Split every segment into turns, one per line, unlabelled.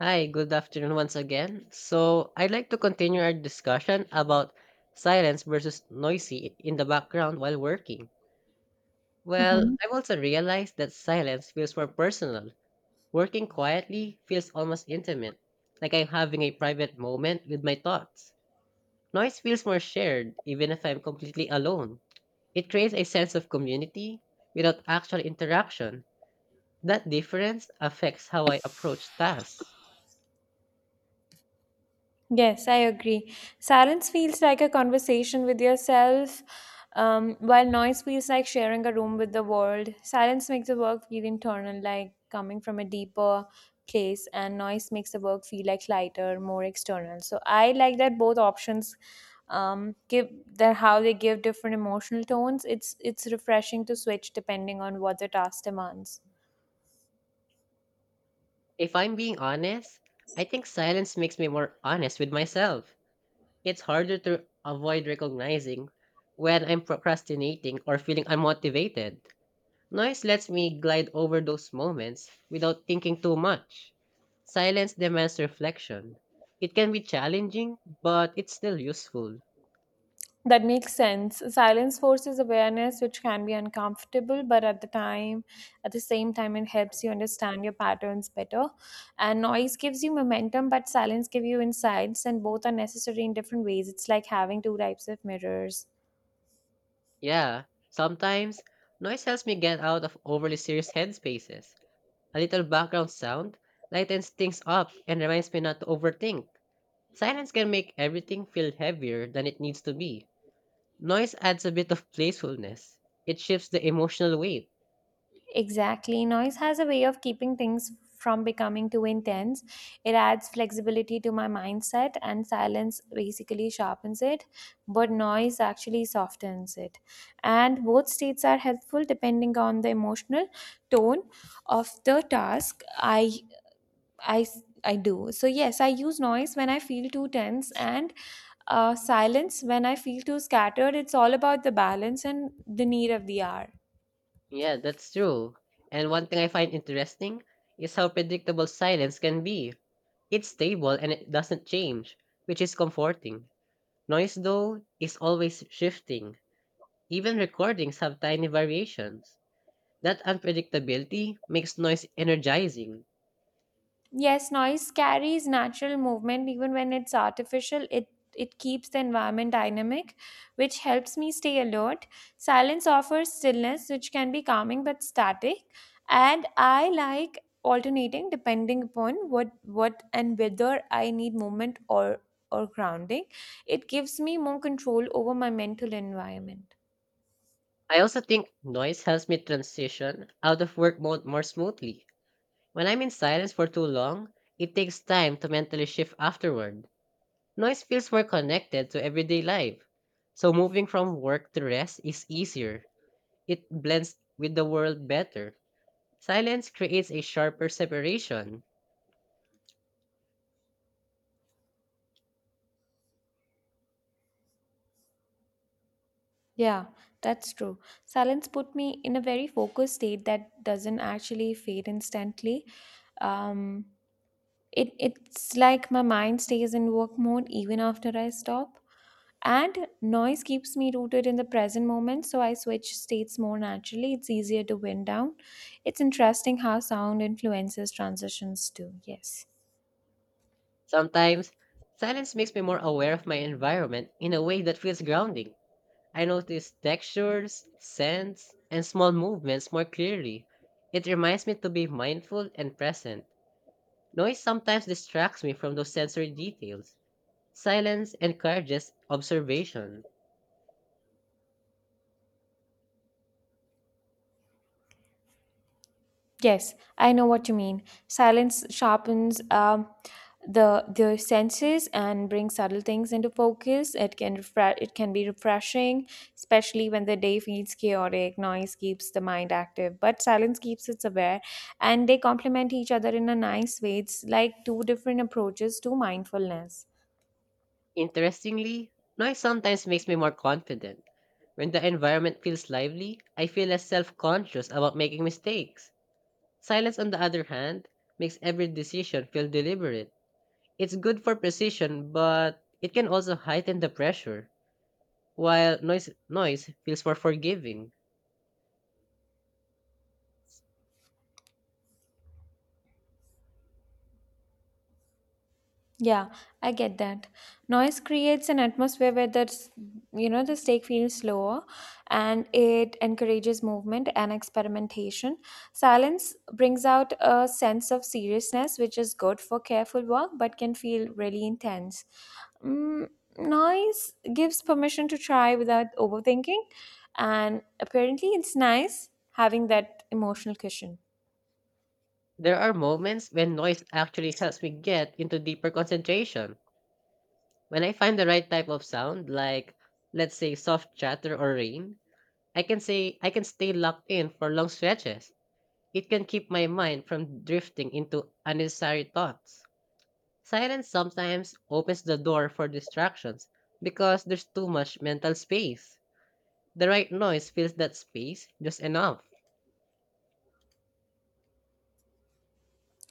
Hi, good afternoon once again. So, I'd like to continue our discussion about silence versus in the background while working. Well,
Mhm.
I've also realized that silence feels more personal. Working quietly feels almost intimate, like I'm having a private moment with my thoughts. Noise feels more shared, even if I'm completely alone. It creates a sense of community without actual interaction. That difference affects how I approach tasks.
Yes, I agree. Silence feels like a conversation with yourself, while noise feels like sharing a room with the world. Silence makes the work feel internal, like coming from a deeper place, and noise makes the work feel like lighter, more external. So I like that both options um give that how they give different emotional tones. It's refreshing to switch depending on what the task demands.
If I'm being honest, I think silence makes me more honest with myself. It's harder to avoid recognizing when I'm procrastinating or feeling unmotivated. Noise lets me glide over those moments without thinking too much. Silence demands reflection. It can be challenging, but it's still useful.
That makes sense. Silence forces awareness, which can be uncomfortable, but at the same time, it helps you understand your patterns better. And noise gives you momentum, but silence gives you insights, and both are necessary in different ways. It's like having two types of mirrors.
Yeah, sometimes noise helps me get out of overly serious headspaces. A little background sound lightens things up and reminds me not to overthink. Silence can make everything feel heavier than it needs to be. Noise adds a bit of playfulness. It shifts the emotional weight.
Exactly. Noise has a way of keeping things from becoming too intense. It adds flexibility to my mindset, and silence basically sharpens it, but noise actually softens it. And both states are helpful depending on the emotional tone of the task I, I do. So, yes, I use noise when I feel too tense and silence when I feel too scattered. It's all about the balance and the need of the hour.
Yeah, that's true. And one thing I find interesting is how predictable silence can be. It's stable and it doesn't change, which is comforting. Noise, though, is always shifting. Even recordings have tiny variations. That unpredictability makes noise energizing.
Yes, noise carries natural movement even when it's artificial. It keeps the environment dynamic, which helps me stay alert. Silence offers stillness, which can be calming but static, and I like alternating depending upon what and whether I need movement or grounding. It gives me more control over my mental environment.
I also think noise helps me transition out of work mode more smoothly. When I'm in silence for too long, it takes time to mentally shift afterward. Noise feels more connected to everyday life. So moving from work to rest is easier. It blends with the world better. Silence creates a sharper separation.
Yeah, that's true. Silence put me in a very focused state that doesn't actually fade instantly. Um It, it's like my mind stays in work mode even after I stop. And noise keeps me rooted in the present moment, so I switch states more naturally. It's easier to wind down. It's interesting how sound influences transitions too. Yes.
Sometimes, silence makes me more aware of my environment in a way that feels grounding. I notice textures, scents, and small movements more clearly. It reminds me to be mindful and present. Noise sometimes distracts me from those sensory details. Silence encourages observation.
Yes, I know what you mean. Silence sharpens the senses and brings subtle things into focus. It can be refreshing, especially when the day feels chaotic. Noise keeps the mind active, but silence keeps it aware, and they complement each other in a nice way. It's like two different approaches to mindfulness.
Interestingly, noise sometimes makes me more confident. When the environment feels lively, I feel less self conscious about making mistakes. Silence, on the other hand, makes every decision feel deliberate. It's good for precision, but it can also heighten the pressure, while noise feels more forgiving.
Yeah, I get that. Noise creates an atmosphere where that's you know the stake feels slower, and it encourages movement and experimentation. Silence brings out a sense of seriousness which is good for careful work but can feel really intense. Mm, Noise gives permission to try without overthinking, and apparently it's nice having that emotional cushion.
There are moments when noise actually helps me get into deeper concentration. When I find the right type of sound, like let's say soft chatter or rain, I can stay locked in for long stretches. It can keep my mind from drifting into unnecessary thoughts. Silence sometimes opens the door for distractions because there's too much mental space. The right noise fills that space just enough.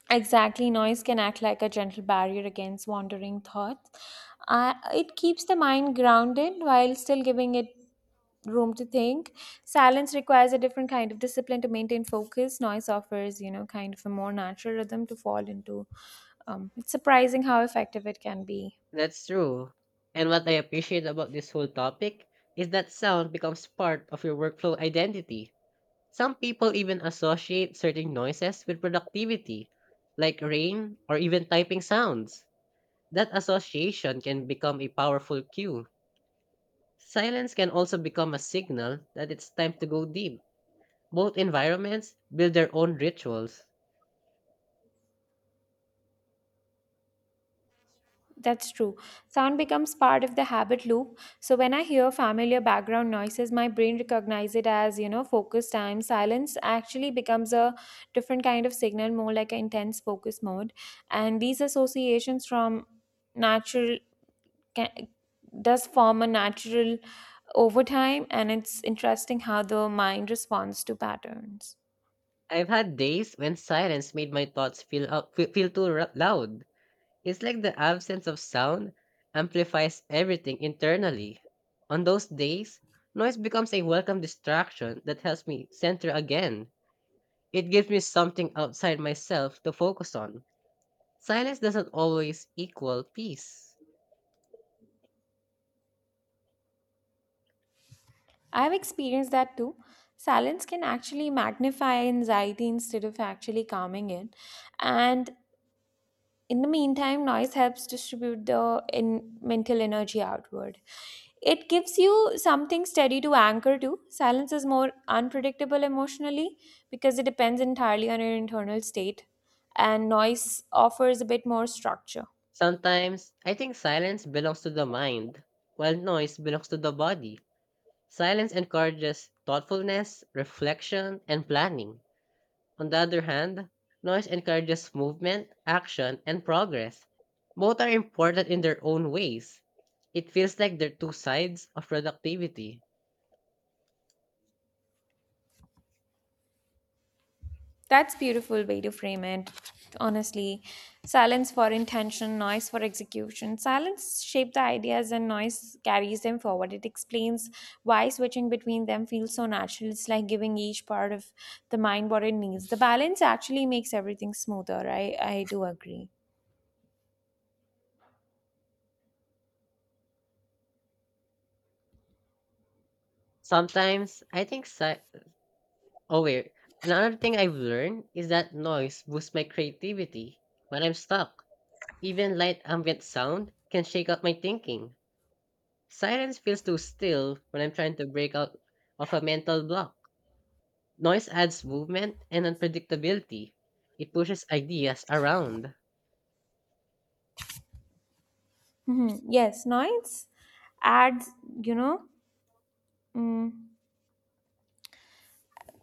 Exactly, noise can act like a gentle barrier against wandering thoughts. It keeps the mind grounded while still giving it room to think. Silence requires a different kind of discipline to maintain focus. Noise offers, you know, kind of a more natural rhythm to fall into. It's surprising how effective it can be.
That's true. And what I appreciate about this whole topic is that sound becomes part of your workflow identity. Some people even associate certain noises with productivity, like rain or even typing sounds. That association can become a powerful cue. Silence can also become a signal that it's time to go deep. Both environments build their own rituals.
That's true. Sound becomes part of the habit loop. So when I hear familiar background noises, my brain recognizes it as, you know, focus time. Silence actually becomes a different kind of signal, more like an intense focus mode. And these associations from natural ca- does form a natural over time, and it's interesting how the mind responds to patterns.
I've had days when silence made my thoughts feel loud. It's like the absence of sound amplifies everything internally. On those days, noise becomes a welcome distraction that helps me center again. It gives me something outside myself to focus on. Silence doesn't always equal peace.
I've experienced that too. Silence can actually magnify anxiety instead of actually calming it. And in the meantime, noise helps distribute the in mental energy outward. It gives you something steady to anchor to. Silence is more unpredictable emotionally because it depends entirely on your internal state, and noise offers a bit more structure.
Sometimes, I think silence belongs to the mind, while noise belongs to the body. Silence encourages thoughtfulness, reflection, and planning. On the other hand, noise encourages movement, action, and progress. Both are important in their own ways. It feels like they're two sides of productivity.
That's beautiful way to frame it. Honestly, silence for intention, noise for execution. Silence shape the ideas and noise carries them forward. It explains why switching between them feels so natural. It's like giving each part of the mind what it needs. The balance actually makes everything smoother. I do agree.
Sometimes I think si- oh wait. Another thing I've learned is that noise boosts my creativity when I'm stuck. Even light ambient sound can shake up my thinking. Silence feels too still when I'm trying to break out of a mental block. Noise adds movement and unpredictability. It pushes ideas around.
Mhm. Yes, noise adds, you know, mm,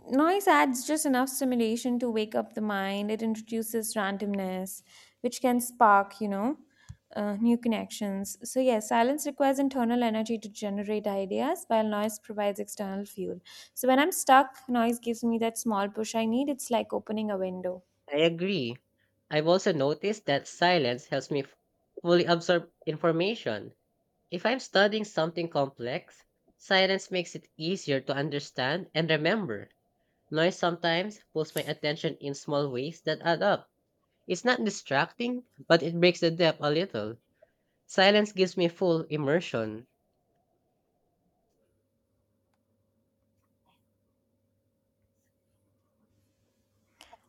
Noise adds just enough stimulation to wake up the mind. It introduces randomness, which can spark, you know, new connections. So, yes, silence requires internal energy to generate ideas, while noise provides external fuel. So, when I'm stuck, noise gives me that small push I need. It's like opening a window.
I agree. I've also noticed that silence helps fully absorb information. If I'm studying something complex, silence makes it easier to understand and remember. Noise sometimes pulls my attention in small ways that add up. It's not distracting, but it breaks the depth a little. Silence gives me full immersion.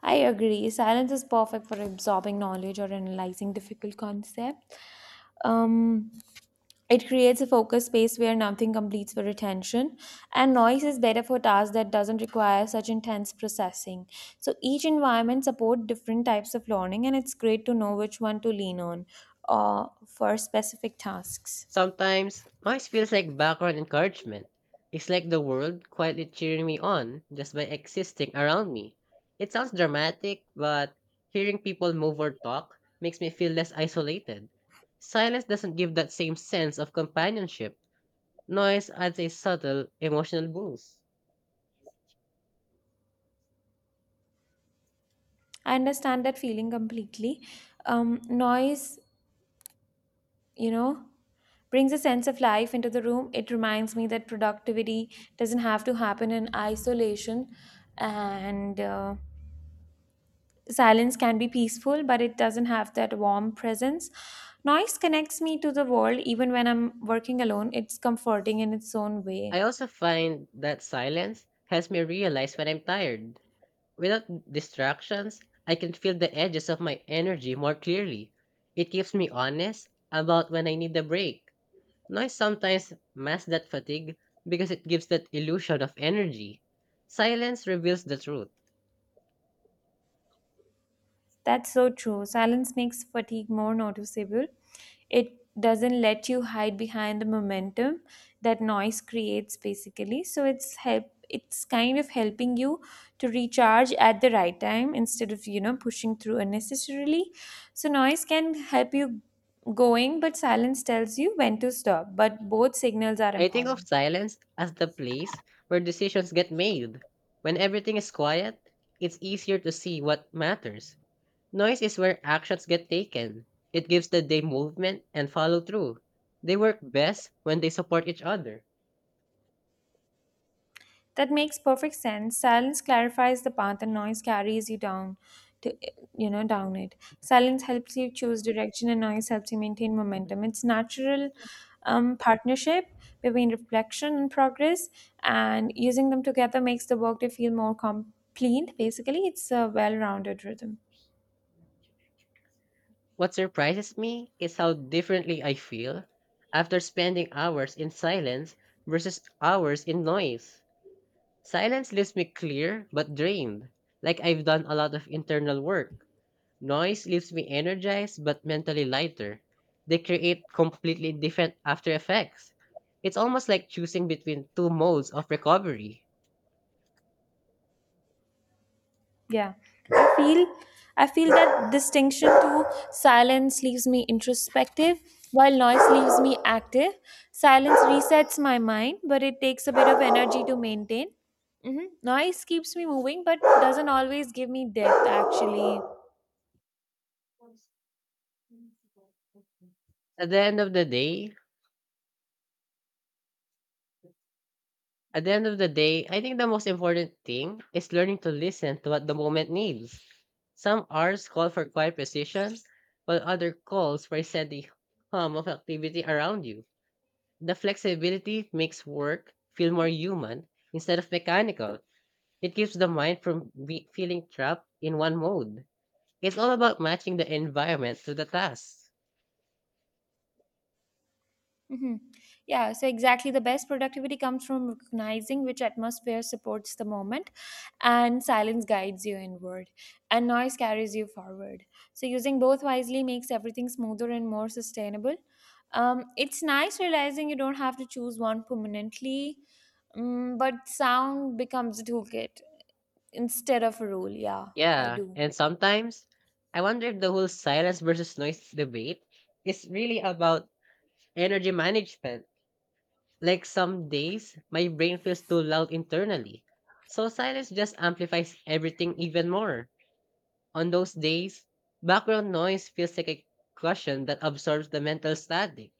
I agree. Silence is perfect for absorbing knowledge or analyzing difficult concepts. Um, it creates a focused space where nothing competes for attention, and noise is better for tasks that doesn't require such intense processing. So each environment support different types of learning, and it's great to know which one to lean on for specific tasks.
Sometimes, noise feels like background encouragement. It's like the world quietly cheering me on just by existing around me. It sounds dramatic, but hearing people move or talk makes me feel less isolated. Silence doesn't give that same sense of companionship. Noise adds a subtle emotional boost.
I understand that feeling completely. Noise, you know, brings a sense of life into the room. It reminds me that productivity doesn't have to happen in isolation, and silence can be peaceful, but it doesn't have that warm presence. Noise connects me to the world even when I'm working alone. It's comforting in its own way.
I also find that silence helps me realize when I'm tired. Without distractions, I can feel the edges of my energy more clearly. It keeps me honest about when I need a break. Noise sometimes masks that fatigue because it gives that illusion of energy. Silence reveals the truth.
That's so true. Silence makes fatigue more noticeable. It doesn't let you hide behind the momentum that noise creates basically, so it's kind of helping you to recharge at the right time instead of, you know, pushing through unnecessarily. So noise can help you going, but silence tells you when to stop, but both signals are
I think of
important.
silence as the place where decisions get made. When everything is quiet, it's easier to see what matters. Noise is where actions get taken. It gives the day movement and follow through. They work best when they support each other.
That makes perfect sense. Silence clarifies the path and noise carries you down to you know down it. Silence helps you choose direction and noise helps you maintain
Okay.
momentum. It's natural partnership between reflection and progress, and using them together makes the workday feel more complete. Basically, it's a well-rounded rhythm.
What surprises me is how differently I feel after spending hours in silence versus hours in noise. Silence leaves me clear but drained, like I've done a lot of internal work. Noise leaves me energized but mentally lighter. They create completely different after effects. It's almost like choosing between two modes of recovery.
Yeah, I feel I feel that distinction to silence leaves me introspective, while noise leaves me active. Silence resets my mind, but it takes a bit of energy to maintain. Noise keeps me moving, but doesn't always give me depth. Actually,
At the end of the day, At the end of the day, I think the most important thing is learning to listen to what the moment needs. Some hours call for quiet precision, while other calls for steady hum of activity around you. The flexibility makes work feel more human instead of mechanical. It keeps the mind from feeling trapped in one mode. It's all about matching the environment to the task.
hmm. Yeah, so exactly. The best productivity comes from recognizing which atmosphere supports the moment, and silence guides you inward, and noise carries you forward. So, using both wisely makes everything smoother and more sustainable. It's nice realizing you don't have to choose one permanently, but sound becomes a toolkit instead of a rule. Yeah, I
Yeah,
do.
and sometimes I wonder if the whole silence versus noise debate is really about energy management. Like some days, my brain feels too loud internally. So silence just amplifies everything even more. On those days, background noise feels like a cushion that absorbs the mental static.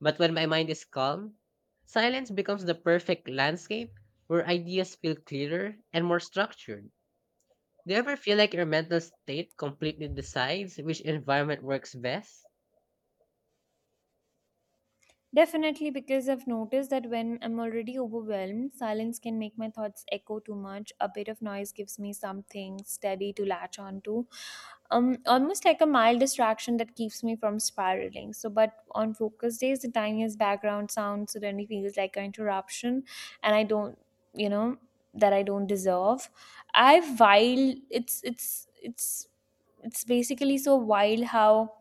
But when my mind is calm, silence becomes the perfect landscape where ideas feel clearer and more structured. Do you ever feel like your mental state completely decides which environment works best?
Definitely, because I've noticed that when I'm already overwhelmed, silence can make my thoughts echo too much. A bit of noise gives me something steady to latch onto, almost like a mild distraction that keeps me from spiraling. So, but on focus days, the tiniest background sound suddenly feels like an interruption, and I don't, you know, that I don't deserve. I while it's basically so wild how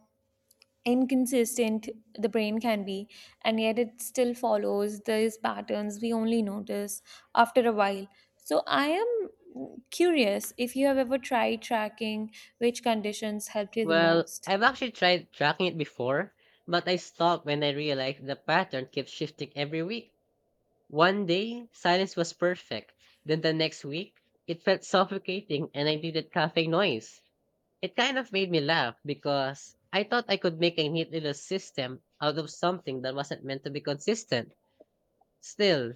inconsistent the brain can be, and yet it still follows these patterns we only notice after a while. So, I am curious if you have ever tried tracking which conditions helped you the
Well,
most.
I've actually tried tracking it before, but I stopped when I realized the pattern kept shifting every week. One day, silence was perfect. Then the next week, it felt suffocating and I needed cafe noise. It kind of made me laugh because I thought I could make a neat little system out of something that wasn't meant to be consistent. Still,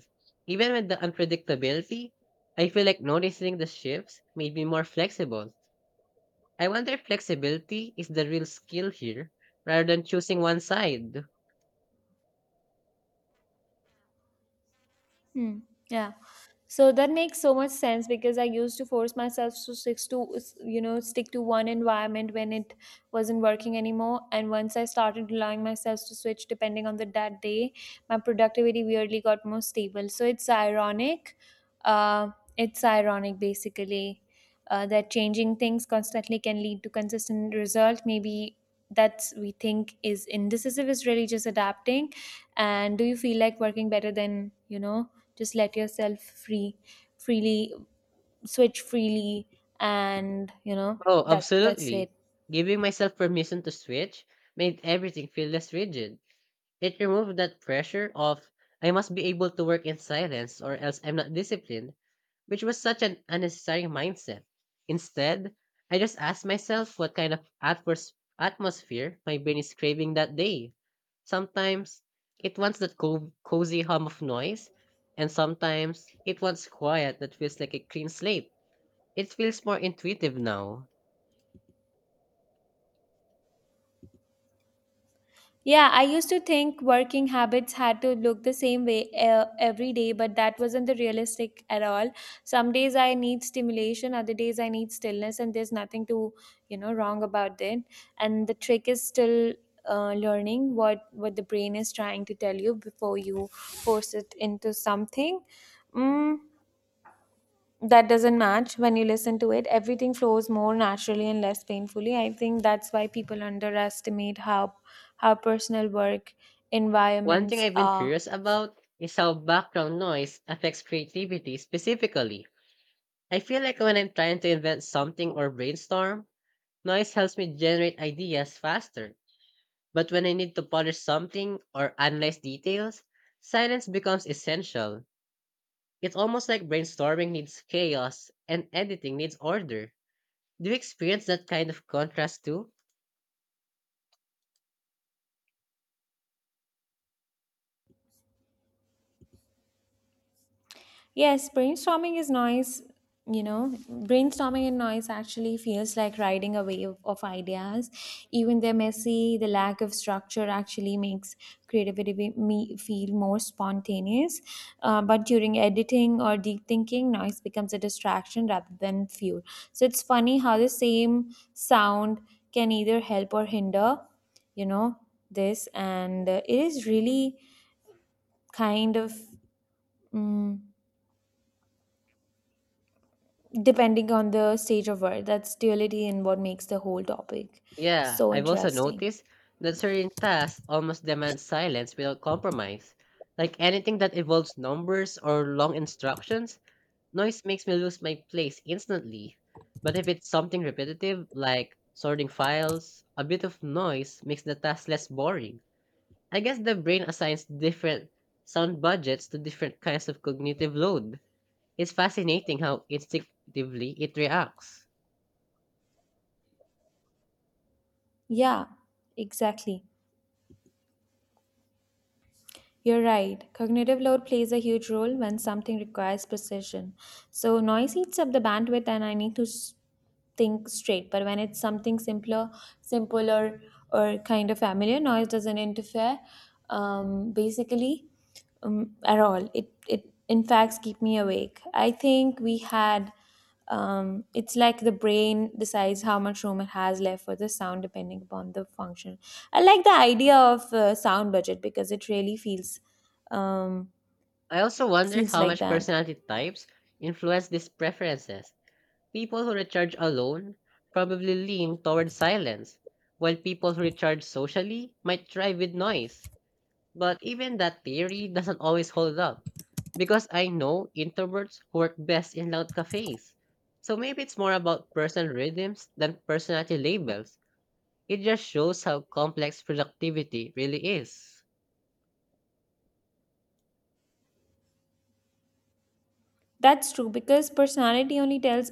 even with the unpredictability, I feel like noticing the shifts made me more flexible. I wonder if flexibility is the real skill here rather than choosing one side.
Hmm. Yeah. So that makes so much sense because I used to force myself to stick to, you know, stick to one environment when it wasn't working anymore. And once I started allowing myself to switch depending on the that day, my productivity weirdly got more stable. So it's ironic. Uh, it's ironic basically That changing things constantly can lead to consistent result. Maybe that's we think is indecisive is really just adapting. And do you feel like working better than you know? Just let yourself free freely switch freely, and you know
Oh,
that that's it.
absolutely. Giving myself permission to switch made everything feel less rigid. It removed that pressure of I must be able to work in silence or else I'm not disciplined, which was such an unnecessary mindset. Instead, I just asked myself what kind of atmosphere my brain is craving that day. Sometimes it wants that cozy hum of noise, and sometimes it wants quiet that feels like a clean slate. It feels more intuitive now.
Yeah, I used to think working habits had to look the same way every day, but that wasn't the realistic at all. Some days I need stimulation, other days I need stillness, and there's nothing to, you know, wrong about it. And the trick is still learning what the brain is trying to tell you before you force it into something mm, that doesn't match. When you listen to it, everything flows more naturally and less painfully. I think that's why people underestimate how personal work
One thing
environments
I've been
are.
curious about is how background noise affects creativity specifically. I feel like when I'm trying to invent something or brainstorm, noise helps me generate ideas faster. But when I need to polish something or analyze details, silence becomes essential. It's almost like brainstorming needs chaos and editing needs order. Do you experience that kind of contrast too?
Yes, brainstorming is noise. You know, brainstorming and noise actually feels like riding a wave of ideas. Even they're messy, the lack of structure actually makes me feel more spontaneous. But during editing or deep thinking, noise becomes a distraction rather than fuel. So it's funny how the same sound can either help or hinder, you know, this. And it is really kind of, mm, depending on the stage of work. That's duality and what makes the whole topic
Yeah,
so
I've also
interesting.
noticed that certain tasks almost demand silence without compromise. Like anything that involves numbers or long instructions, noise makes me lose my place instantly. But if it's something repetitive, like sorting files, a bit of noise makes the task less boring. I guess the brain assigns different sound budgets to different kinds of cognitive load. It's fascinating how instinctively it reacts.
Yeah, exactly, you're right. Cognitive load plays a huge role. When something requires precision, so noise eats up the bandwidth and I need to think straight. But when it's something simpler or kind of familiar, noise doesn't interfere, basically at all. It in fact keep me awake. I think we had, it's like the brain decides how much room it has left for the sound depending upon the function. I like the idea of sound budget because it really feels, um,
I also wonder
feels
how
like
much
that.
personality types influence these preferences. People who recharge alone probably lean toward silence, while people who recharge socially might thrive with noise. But even that theory doesn't always hold up because I know introverts work best in loud cafes. So maybe it's more about personal rhythms than personality labels. It just shows how complex productivity really is.
That's true because personality only tells